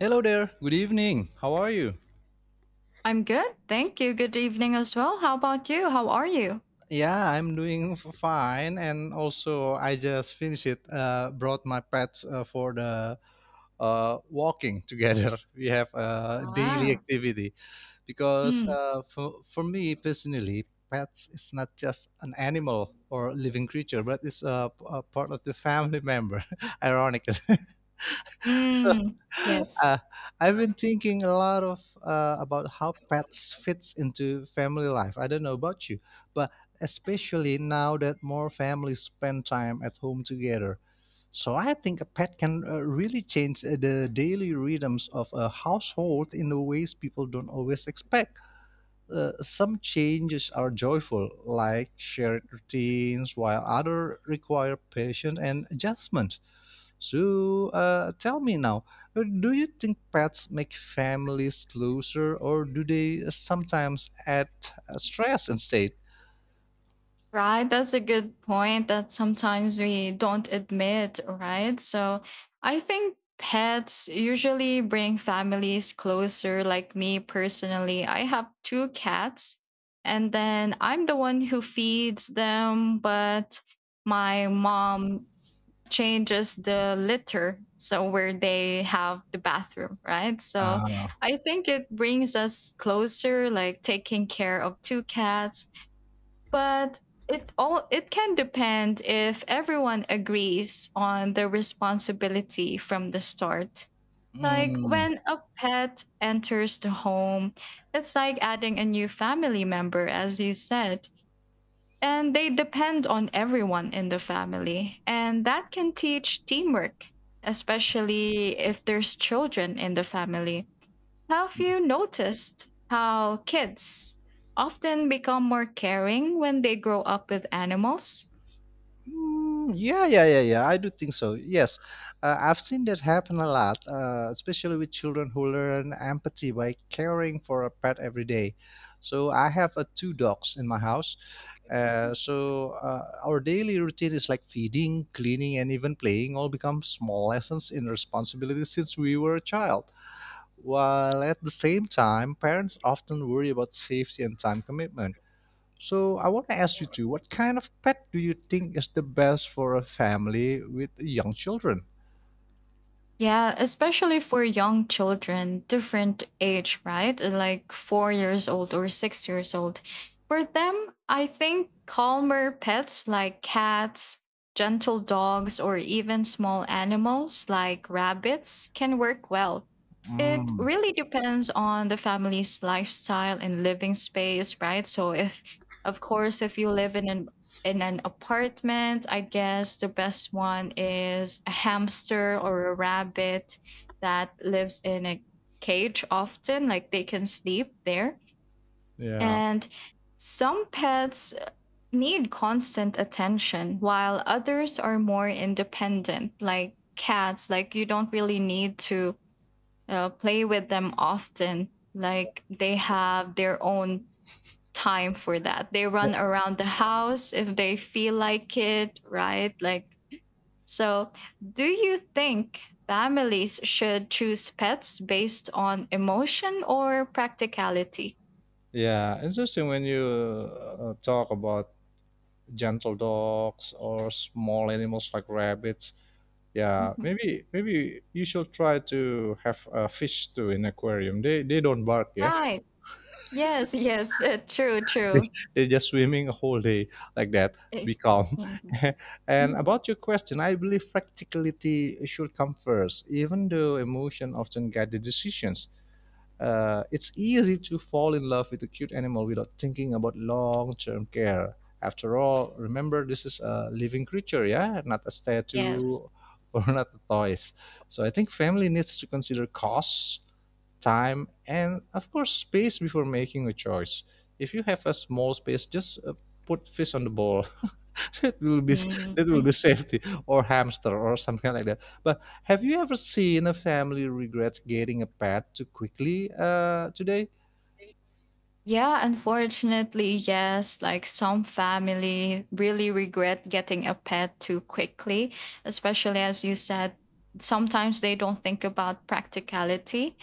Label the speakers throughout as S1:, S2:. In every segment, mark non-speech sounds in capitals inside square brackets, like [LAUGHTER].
S1: Hello there. Good evening. How are you?
S2: I'm good. Thank you. Good evening as well. How about you? How are you?
S1: Yeah, I'm doing fine, and also I just finished it. Brought my pets for the walking together. [LAUGHS] We have a daily
S2: Wow.
S1: activity because
S2: Mm.
S1: for me personally, pets is not just an animal or living creature, but it's a part of the family member. [LAUGHS] Ironic. [LAUGHS] [LAUGHS] So,
S2: Mm. Yes.
S1: I've been thinking a lot of about how pets fits into family life. I don't know about you, but especially now that more families spend time at home together. So I think a pet can really change the daily rhythms of a household in the ways people don't always expect. Some changes are joyful, like shared routines, while other require patience and adjustment. So tell me now, do you think pets make families closer, or do they sometimes add stress instead?
S2: Right. That's a good point that sometimes we don't admit, right? So I think pets usually bring families closer. Like me personally, I have two cats, and then I'm the one who feeds them, but my mom changes the litter, so where they have the bathroom, right? So
S1: Uh,
S2: I think it brings us closer, like taking care of two cats. But it all, it can depend if everyone agrees on the responsibility from the start. Like
S1: mm,
S2: when a pet enters the home, it's like adding a new family member, as you said, and they depend on everyone in the family. And that can teach teamwork, especially if there's children in the family. Have you noticed how kids often become more caring when they grow up with animals?
S1: mm, yeah, yeah, yeah, yeah. I do think so. Yes, I've seen that happen a lot, especially with children who learn empathy by caring for a pet every day. So I have two dogs in my house. So our daily routine is like feeding, cleaning, and even playing all become small lessons in responsibility since we were a child. While at the same time, parents often worry about safety and time commitment. So I want to ask you too, what kind of pet do you think is the best for a family with young children?
S2: Yeah, especially for young children, different age, right? Like 4 years old or 6 years old. For them, I think calmer pets like cats, gentle dogs, or even small animals like rabbits can work well. It
S1: Mm,
S2: really depends on the family's lifestyle and living space, right? So, if, of course, if you live in an apartment, I guess the best one is a hamster or a rabbit that lives in a cage often, like they can sleep there.
S1: yeah.
S2: And some pets need constant attention while others are more independent, like cats, like you don't really need to play with them often. Like they have their own time for that. They run around the house if they feel like it, right? Like, so do you think families should choose pets based on emotion or practicality?
S1: Yeah, interesting when you talk about gentle dogs or small animals like rabbits. Yeah,
S2: Mhm.
S1: maybe you should try to have a fish too in aquarium. They don't bark, yeah.
S2: Right. Yes, yes, [LAUGHS] true,
S1: [LAUGHS] They
S2: true.
S1: they just swimming a whole day like that.
S2: Eh,
S1: Be calm.
S2: mhm.
S1: [LAUGHS] And
S2: Mm.
S1: about your question, I believe practicality should come first, even though emotion often guide the decisions. It's easy to fall in love with a cute animal without thinking about long term care. After all, remember this is a living creature, yeah, not a statue
S2: Yes.
S1: or [LAUGHS] not a toys. So I think family needs to consider costs, time, and of course, space before making a choice. If you have a small space, just put fish on the ball. [LAUGHS] that will be
S2: Mhm.
S1: that will be safety or hamster or something like that. But have you ever seen a family regret getting a pet too quickly today?
S2: Yeah, unfortunately, yes. Like some family really regret getting a pet too quickly, especially as you said, sometimes they don't think about practicality,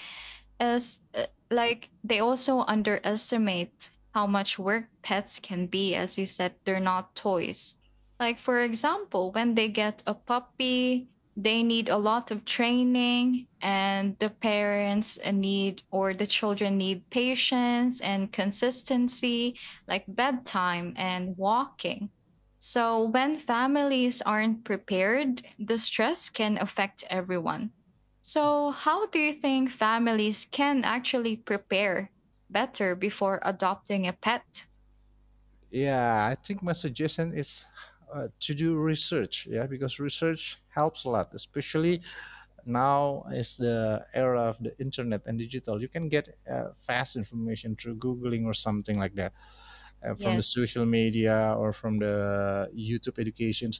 S2: as like they also underestimate how much work pets can be. As you said, they're not toys. Like for example, when they get a puppy, they need a lot of training, and the parents need, or the children need patience and consistency, like bedtime and walking. So when families aren't prepared, the stress can affect everyone. So, how do you think families can actually prepare better before adopting a pet?
S1: Yeah, I think my suggestion is to do research. Yeah, because research helps a lot, especially now is the era of the internet and digital. You can get fast information through googling or something like that from the
S2: Yes.
S1: social media or from the YouTube education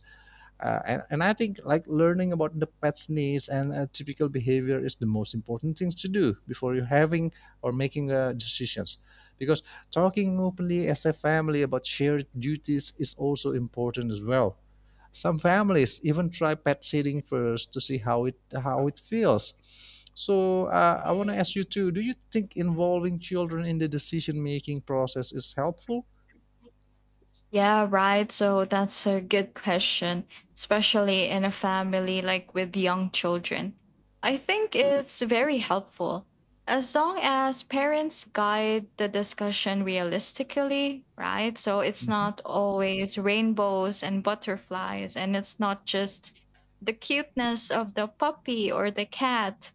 S1: and I think like learning about the pet's needs and typical behavior is the most important things to do before you having or making decisions, because talking openly as a family about shared duties is also important as well. Some families even try pet sitting first to see how it feels. So I want to ask you too, do you think involving children in the decision making process is helpful?
S2: Yeah, right. So, that's a good question, especially in a family like with young children. I think, Mhm. it's very helpful. As long as parents guide the discussion realistically, right? So it's not always rainbows and butterflies, and it's not just the cuteness of the puppy or the cat.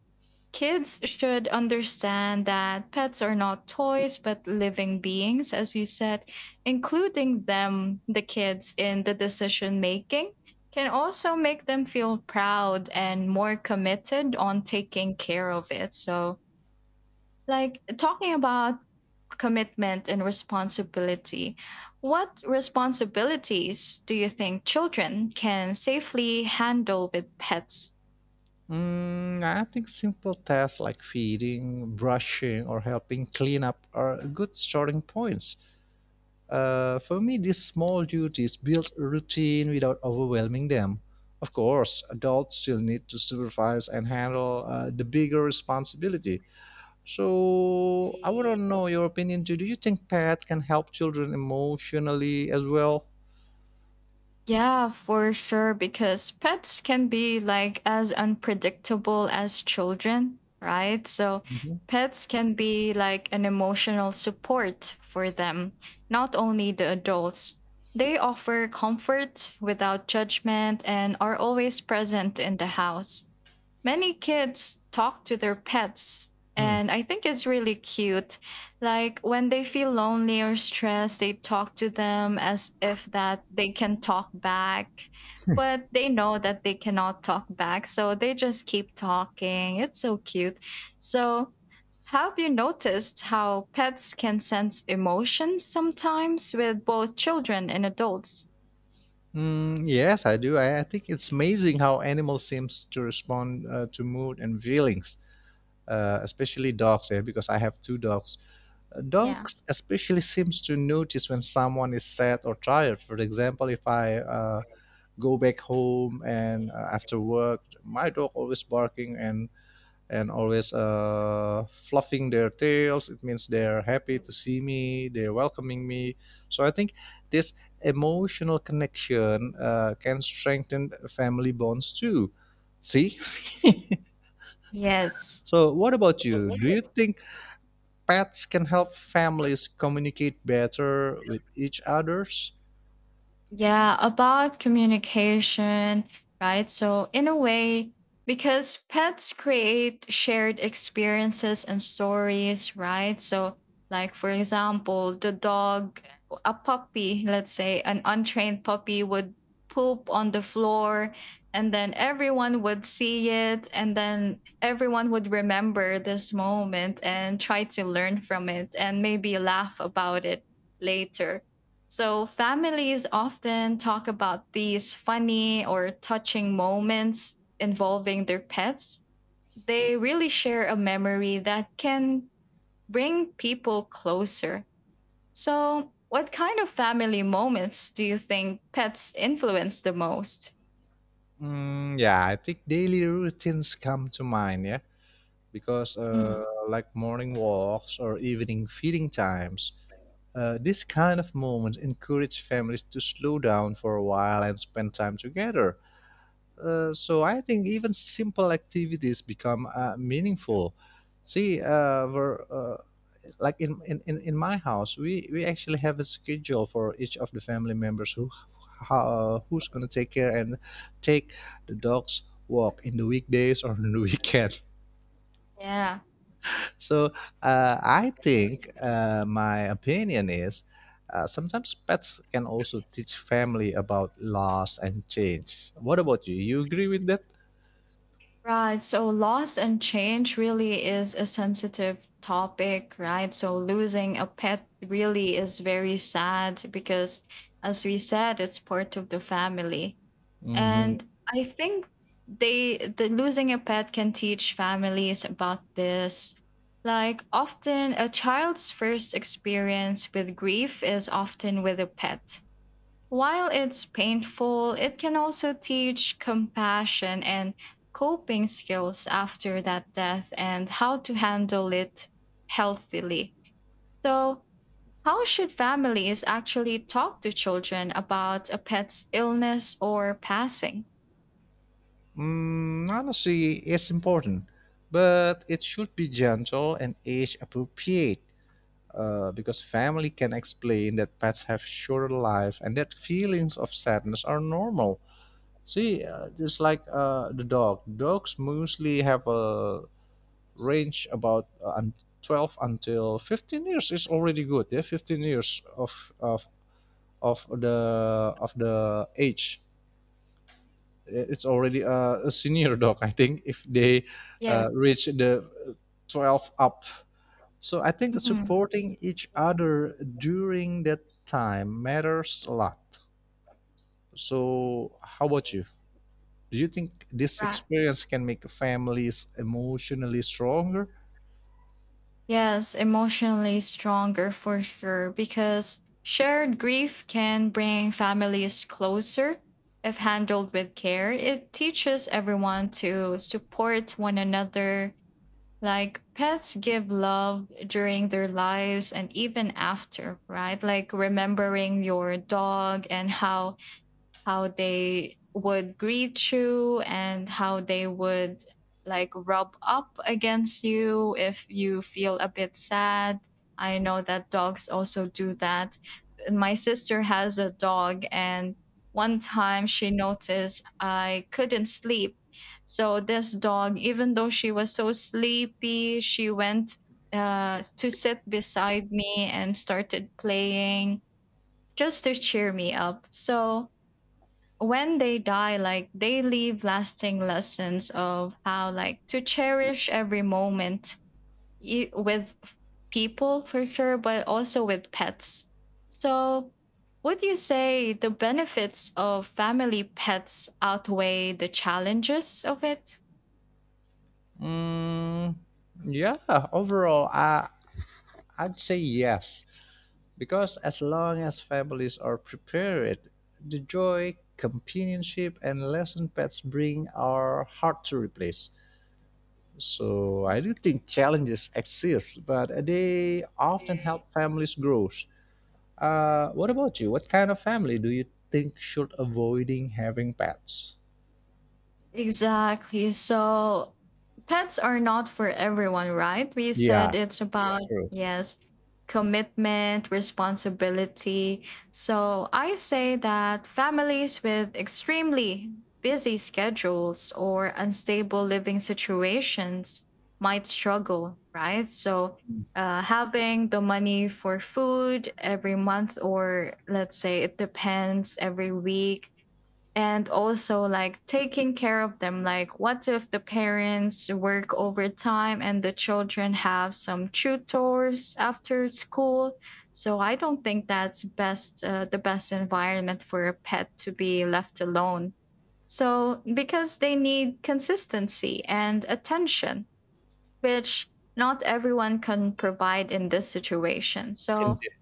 S2: Kids should understand that pets are not toys but living beings, as you said. Including them, the kids, in the decision making can also make them feel proud and more committed on taking care of it. So, like talking about commitment and responsibility, what responsibilities do you think children can safely handle with pets?
S1: Mm, I think simple tasks like feeding, brushing, or helping clean up are good starting points. For me, these small duties build a routine without overwhelming them. Of course, adults still need to supervise and handle the bigger responsibility. So, I want to know your opinion too. Do you think pets can help children emotionally as well?
S2: Yeah, for sure, because pets can be like as unpredictable as children, right? So
S1: Mhm.
S2: pets can be like an emotional support for them, not only the adults. They offer comfort without judgment and are always present in the house. Many kids talk to their pets,
S1: Hmm.
S2: and I think it's really cute. Like when they feel lonely or stressed, they talk to them as if that they can talk back, but they know that they cannot talk back, so they just keep talking. It's so cute. So, have you noticed how pets can sense emotions sometimes with both children and adults?
S1: Mm, yes, I do. I think it's amazing how animals seems to respond to mood and feelings, especially dogs. Yeah, because I have two dogs.
S2: Yeah.
S1: Dogs especially seems to notice when someone is sad or tired. For example, if I go back home and after work, my dog always barking and always fluffing their tails. It means they're happy to see me, they're welcoming me. So I think this emotional connection can strengthen family bonds too. See? [LAUGHS]
S2: Yes.
S1: So, what about you? Do you think pets can help families communicate better with each others?
S2: Yeah, about communication, right? So, in a way, because pets create shared experiences and stories, right? So, like for example, the dog, a puppy, let's say an untrained puppy would poop on the floor, and then everyone would see it, and then everyone would remember this moment and try to learn from it and maybe laugh about it later. So, families often talk about these funny or touching moments involving their pets. They really share a memory that can bring people closer. So, what kind of family moments do you think pets influence the most?
S1: Mm, yeah, I think daily routines come to mind, yeah, because
S2: Mm.
S1: like morning walks or evening feeding times. This kind of moment encourage families to slow down for a while and spend time together. So I think even simple activities become meaningful. See, we're, like in my house, we actually have a schedule for each of the family members who's gonna take care and take the dogs walk in the weekdays or on the [LAUGHS] weekend.
S2: Yeah.
S1: So I think my opinion is sometimes pets can also teach family about loss and change. What about you? You agree with that?
S2: Right. So loss and change really is a sensitive topic, right? So losing a pet really is very sad because, as we said, it's part of the family.
S1: Hmm.
S2: And I think the losing a pet can teach families about this. Like often a child's first experience with grief is often with a pet. While it's painful, it can also teach compassion and coping skills after that death and how to handle it healthily. So, how should families actually talk to children about a pet's illness or passing?
S1: Honestly, it's important, but it should be gentle and age appropriate. Because family can explain that pets have shorter life and that feelings of sadness are normal. See, just like dogs mostly have a range about 12 until 15 years is already good. Yeah, 15 years of the of the age, it's already a senior dog, I think, if they
S2: Yes.
S1: reach the 12 up. So I think
S2: Hmm.
S1: supporting each other during that time matters a lot. So how about you? Do you think this
S2: Right.
S1: experience can make families emotionally stronger?
S2: Yes, emotionally stronger for sure, because shared grief can bring families closer. If handled with care, it teaches everyone to support one another. Like pets give love during their lives and even after, right? Like remembering your dog and how they would greet you and how they would like rub up against you if you feel a bit sad. I know that dogs also do that. My sister has a dog, and one time she noticed I couldn't sleep. So, this dog, even though she was so sleepy, she went to sit beside me and started playing just to cheer me up. So, when they die, like they leave lasting lessons of how like to cherish every moment with people for sure, but also with pets. So would you say the benefits of family pets outweigh the challenges of it?
S1: Mm, yeah, overall, I'd say yes, because as long as families are prepared, the joy, companionship, and lesson pets bring are hard to replace. So I do think challenges exist, but they often help families grow. What about you? What kind of family do you think should avoiding having pets?
S2: Exactly. So pets are not for everyone, right? We said
S1: Yeah,
S2: it's, Yeah.
S1: it's
S2: about,
S1: true.
S2: yes, commitment, responsibility. So I say that families with extremely busy schedules or unstable living situations might struggle, right? So having the money for food every month, or let's say it depends every week, and also like taking care of them. Like what if the parents work overtime and the children have some tutors after school? So I don't think that's best, the best environment for a pet to be left alone. So because they need consistency and attention, which not everyone can provide in this situation. So
S1: Indeed.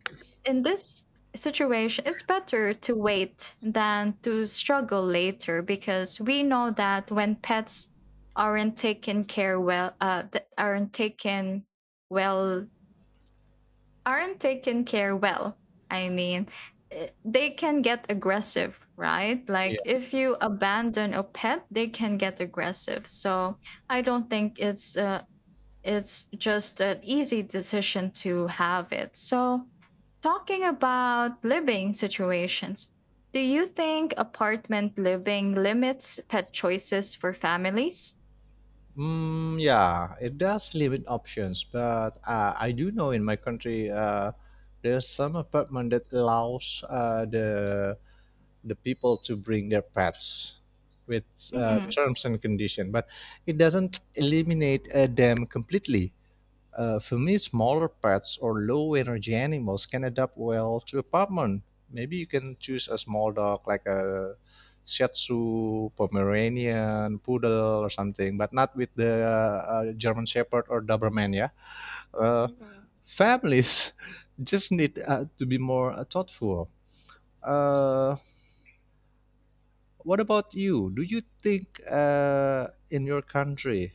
S2: in this situation, it's better to wait than to struggle later, because we know that when pets aren't taken care well, well, aren't taken care well. I mean, eh, they can get aggressive, right? Like if you abandon a pet, they can get aggressive. So I don't think it's just an easy decision to have it. So, talking about living situations, do you think apartment living limits pet choices for families?
S1: Mm, yeah, it does limit options, but I do know in my country there's some apartment that allows the people to bring their pets with
S2: Mhm.
S1: terms and condition, but it doesn't eliminate them completely. For me, smaller pets or low energy animals can adapt well to apartment. Maybe you can choose a small dog like a Shih Tzu, Pomeranian, Poodle, or something, but not with the German Shepherd or Doberman. Yeah, uh,
S2: Mhm.
S1: families [LAUGHS] just need to be more thoughtful. Uh, what about you? Do you think, in your country,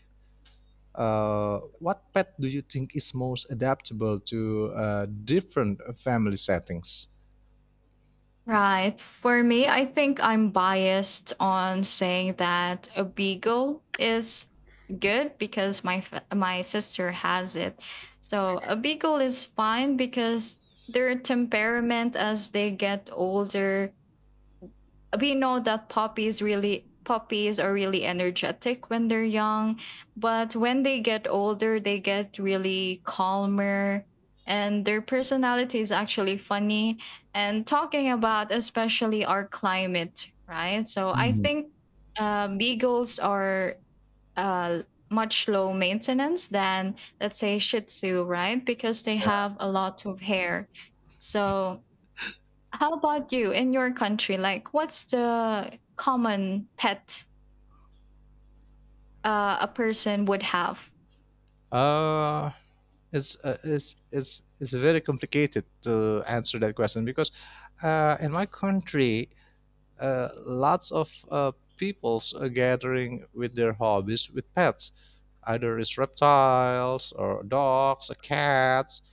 S1: What pet do you think is most adaptable to different family settings?
S2: Right. For me, I think I'm biased on saying that a beagle is good because my my sister has it. So a beagle is fine because their temperament as they get older, we know that puppies are really energetic when they're young, but when they get older, they get really calmer, and their personality is actually funny. And talking about especially our climate, right? So I
S1: Mhm.
S2: think beagles are uh, much low maintenance than let's say Shih Tzu, right? Because they
S1: Yeah.
S2: have a lot of hair. So how about you in your country? Like, what's the common pet a person would have?
S1: Uh, it's very complicated to answer that question because in my country, lots of peoples are gathering with their hobbies with pets. Either it's reptiles or dogs or cats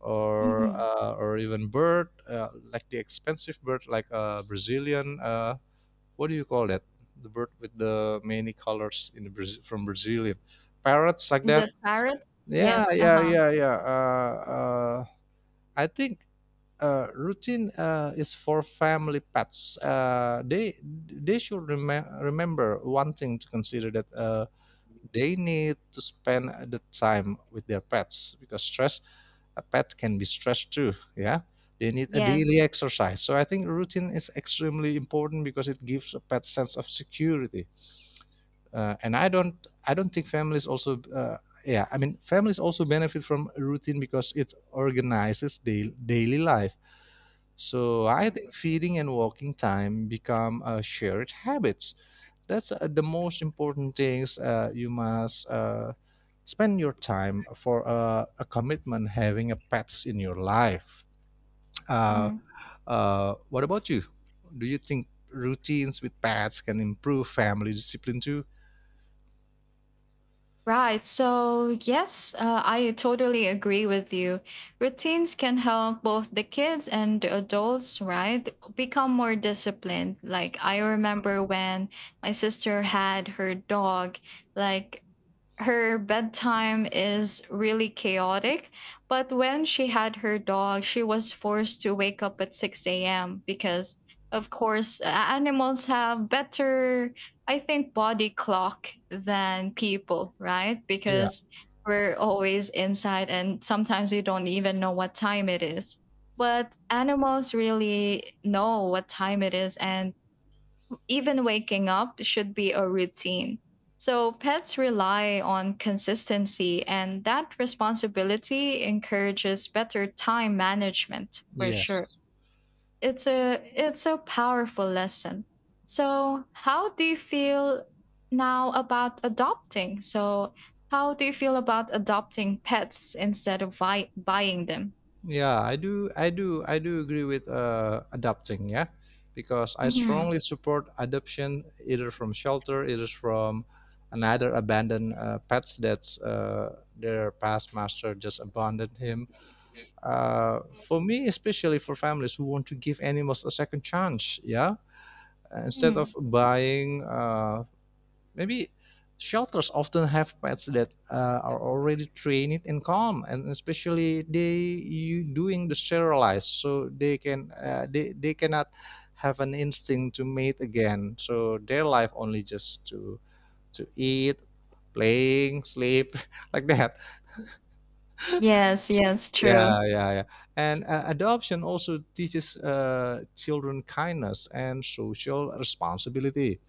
S1: or
S2: Hmm.
S1: uh, or even bird, like the expensive bird, like a Brazilian what do you call that? The bird with the many colors in the Braz from Brazilian parrots like
S2: Is
S1: that.
S2: it parrot?
S1: Yeah,
S2: Yes. Uh
S1: yeah,
S2: huh.
S1: yeah, yeah. I think routine is for family pets. They should remember one thing to consider that they need to spend the time with their pets because stress a pet can be stressed too. Yeah, they need a
S2: Yes.
S1: daily exercise. So I think routine is extremely important because it gives a pet sense of security and I don't think families also yeah I mean families also benefit from routine because it organizes daily life. So I
S2: Mm.
S1: think feeding and walking time become shared habits. That's the most important things you must spend your time for a commitment having a pets in your life. Uh,
S2: Mm.
S1: what about you? Do you think routines with pets can improve family discipline too?
S2: Right. So, yes, I totally agree with you. Routines can help both the kids and the adults, right? Become more disciplined. Like, I remember when my sister had her dog, like, her bedtime is really chaotic. But when she had her dog, she was forced to wake up at 6 a.m. because, of course, animals have better, I think, body clock than people, right?
S1: Yeah.
S2: Because we're always inside and sometimes you don't even know what time it is. But animals really know what time it is, and even waking up should be a routine. So pets rely on consistency, and that responsibility encourages better time management for sure.
S1: Yes.
S2: It's a powerful lesson. So how do you feel now about adopting? So how do you feel about adopting pets instead of buying them?
S1: Yeah, I do, I do, I do agree with adopting. Yeah, because I
S2: Mhm.
S1: strongly support adoption, either from shelter, either from another abandoned pets that their past master just abandoned him. For me, especially for families who want to give animals a second chance. Yeah, instead of
S2: Mm.
S1: buying. Maybe shelters often have pets that are already trained and calm, and especially they you doing the sterilized so they can they cannot have an instinct to mate again, so their life only just to eat, playing, sleep [LAUGHS] like that.
S2: Yes, yes, true.
S1: Yeah, yeah, yeah, and adoption also teaches children kindness and social responsibility.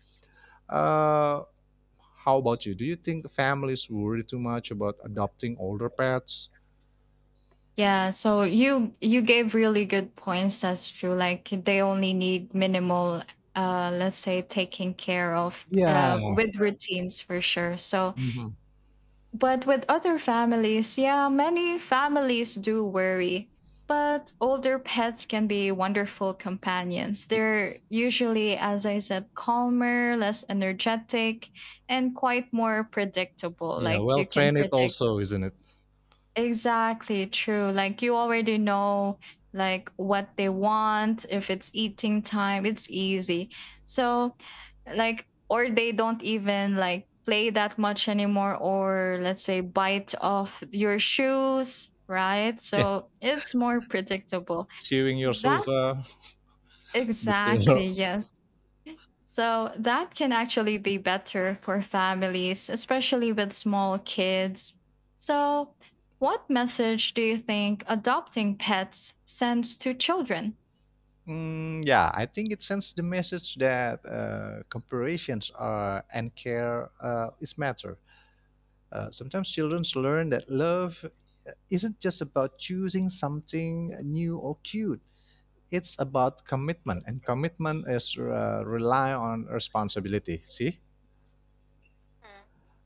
S1: uh, How about you? Do you think families worry too much about adopting older pets?
S2: Yeah, so you gave really good points. That's true. Like they only need minimal, let's say, taking care of,
S1: Yeah.
S2: with routines for sure. So,
S1: Hmm.
S2: but with other families, yeah, many families do worry. But older pets can be wonderful companions. They're usually, as I said, calmer, less energetic, and quite more predictable.
S1: Yeah,
S2: Like
S1: well,
S2: you can
S1: train it
S2: predict.
S1: also, isn't it?
S2: Exactly, true. Like you already know like what they want. If it's eating time, it's easy. So like, or they don't even like play that much anymore, or let's say bite off your shoes, right?
S1: Yeah,
S2: So it's more predictable.
S1: chewing your
S2: That
S1: sofa, the
S2: Exactly,
S1: pillow.
S2: yes. So that can actually be better for families, especially with small kids. So, what message do you think adopting pets sends to children?
S1: Mm, yeah, I think it sends the message that comparisons are, and care is matter. Sometimes children learn that love isn't just about choosing something new or cute. It's about commitment, and commitment is rely on responsibility. See,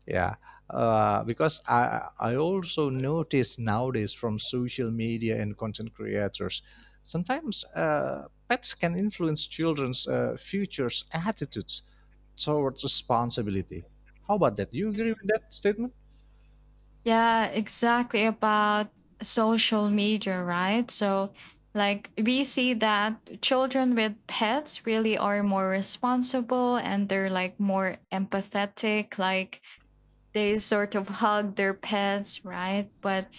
S1: yeah, because I also notice nowadays from social media and content creators, sometimes pets can influence children's futures attitudes towards responsibility. How about that? You agree with that statement?
S2: Yeah, exactly about social media, right? So, like, we see that children with pets really are more responsible and they're like more empathetic. Like, they sort of hug their pets, right? But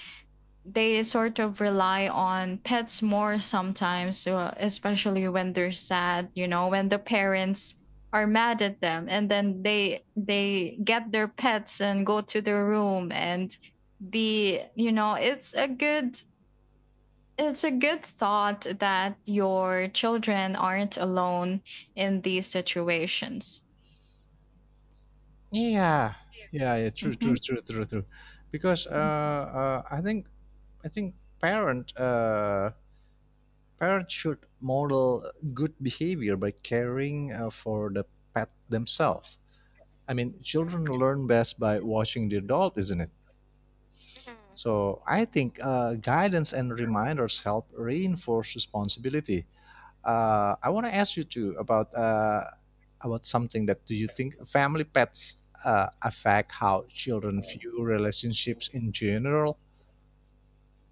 S2: they sort of rely on pets more sometimes, especially when they're sad, you know, when the parents are mad at them and then they get their pets and go to their room and be it's a good thought that your children aren't alone in these situations.
S1: Yeah, yeah, yeah. True, true,
S2: Mhm.
S1: true, true, true. Because uh, I think I think parent uh, Parents should model good behavior by caring for the pet themselves. I mean, children learn best by watching the adult, isn't it? So I think guidance and reminders help reinforce responsibility. I want to ask you too about about something: that do you think family pets affect how children view relationships in general?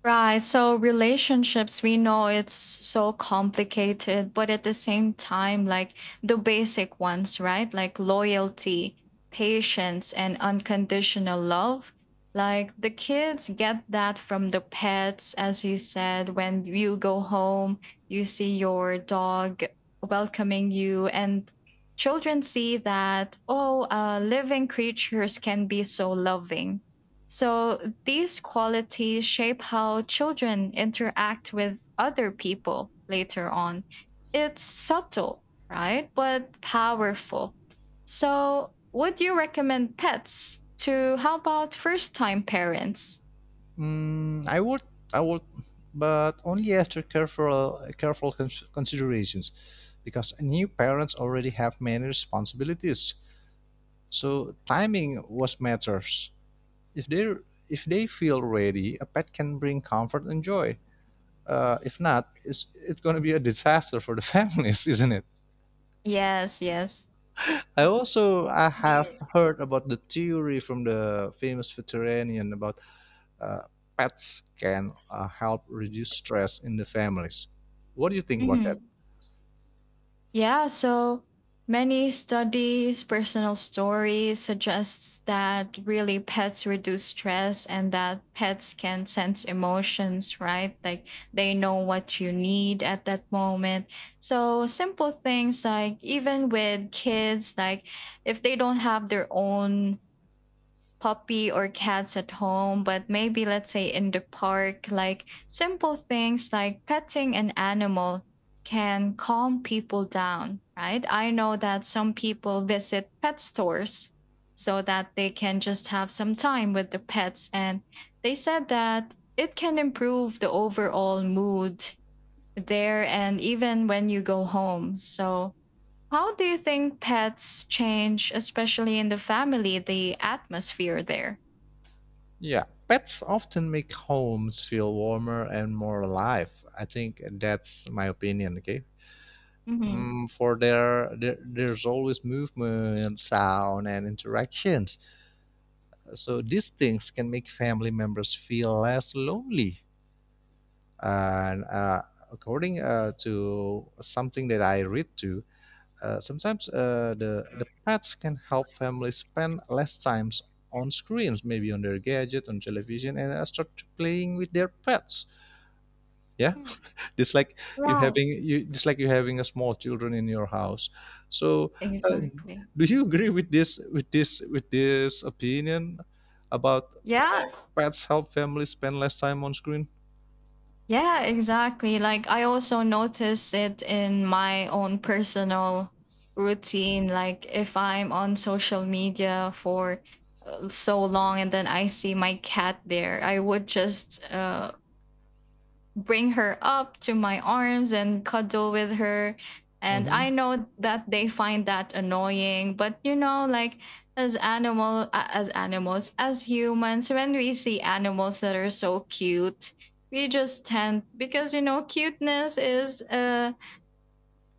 S2: Right. So relationships, we know it's so complicated, but at the same time, like the basic ones, right? Like loyalty, patience, and unconditional love. Like the kids get that from the pets, as you said, when you go home, you see your dog welcoming you, and children see that, oh, living creatures can be so loving, so these qualities shape how children interact with other people later on. It's subtle, right? But powerful. So, would you recommend pets to how about first time parents?
S1: Mm, I would, I would, but only after careful, careful considerations, because new parents already have many responsibilities. So timing was matters. If they if they feel ready, a pet can bring comfort and joy. If not, it's going to be a disaster for the [LAUGHS] families, isn't it?
S2: Yes, yes.
S1: I have
S2: Mhm.
S1: heard about the theory from the famous veterinarian about uh, pets can help reduce stress in the families. What do you think about that?
S2: Mhm. Yeah, so many studies, personal stories suggests that really pets reduce stress and that pets can sense emotions, right? Like they know what you need at that moment. So simple things like even with kids, like if they don't have their own puppy or cats at home, but maybe let's say in the park, like simple things like petting an animal can calm people down, right? I know that some people visit pet stores so that they can just have some time with the pets. And they said that it can improve the overall mood there and even when you go home. So, how do you think pets change, especially in the family, the atmosphere there?
S1: Yeah, pets often make homes feel warmer and more alive. I think that's my opinion. Okay.
S2: Mhm.
S1: mm, for There, there's always movement sound and interactions, so these things can make family members feel less lonely. And according to something that I read to, sometimes the pets can help families spend less times on screens, maybe on their gadget on television, and start playing with their pets. Yeah,
S2: Mm.
S1: just like
S2: Right.
S1: just like you having a small children in your house. So uh,
S2: Exactly.
S1: do you agree with this opinion about
S2: Yeah.
S1: pets help families spend less time on screen?
S2: Yeah, exactly. Like I also notice it in my own personal routine. Like if I'm on social media for so long and then I see my cat there, I would just bring her up to my arms and cuddle with her. And I know that they find that annoying, but you know, like as animals, as humans, when we see animals that are so cute, we just tend because you know, cuteness is a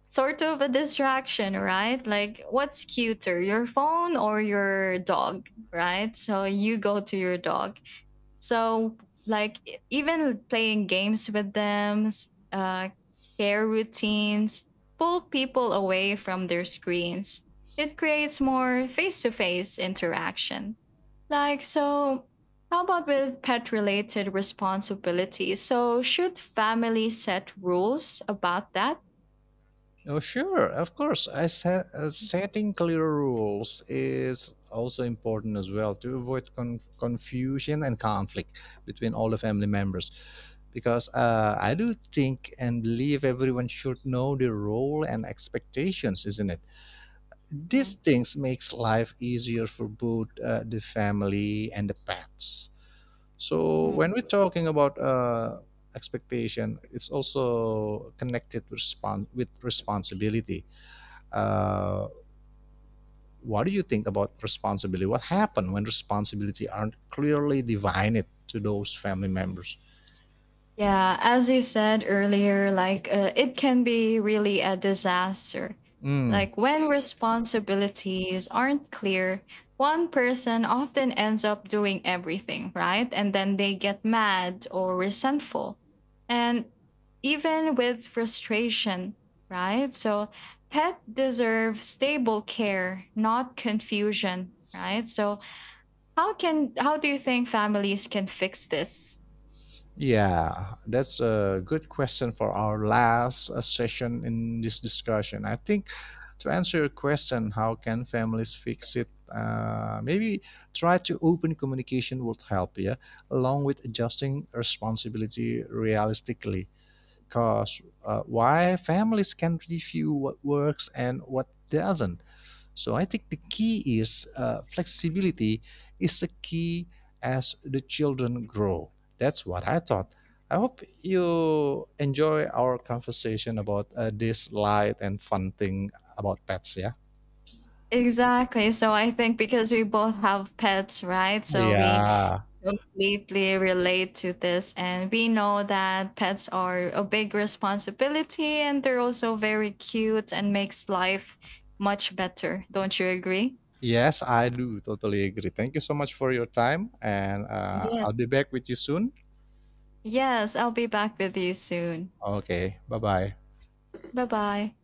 S2: sort of a distraction, right? Like what's cuter, your phone or your dog, right? So you go to your dog. So, like, even playing games with them, care routines pull people away from their screens. It creates more face to face interaction. Like, so how about with pet related responsibilities? So, should family set rules about that?
S1: Oh, sure, of course. Setting clear rules is also important as well to avoid confusion and conflict between all the family members. Because I do think and believe everyone should know their role and expectations, isn't it? These
S2: Mm,
S1: things makes life easier for both the family and the pets. So when we're
S2: mm.
S1: talking about expectation, it's also connected with responsibility, uh, what do you think about responsibility? What happened when responsibility aren't clearly divided to those family members?
S2: Yeah, as you said earlier, like it can be really a disaster.
S1: Mm,
S2: Like when responsibilities aren't clear, one person often ends up doing everything, right? And then they get mad or resentful. And even with frustration, right? So pet deserve stable care, not confusion, right? So how do you think families can fix this?
S1: yeah, that's a good question for our last session in this discussion. I think, to answer your question, how can families fix it? Maybe try to open communication would help, yeah, along with adjusting responsibility realistically. Because why families can review what works and what doesn't. So I think the key is flexibility is a key as the children grow. That's what I thought. I hope you enjoy our conversation about this light and fun thing about pets. Yeah.
S2: Exactly. So I think because we both have pets, right? So we
S1: Yeah.
S2: completely relate to this. And we know that pets are a big responsibility and they're also very cute and makes life much better. Don't you agree?
S1: Yes, I do. Totally agree. Thank you so much for your time, and
S2: Yes.
S1: I'll be back with you soon.
S2: Yes. I'll be back with you soon.
S1: Okay. Bye bye.
S2: Bye bye.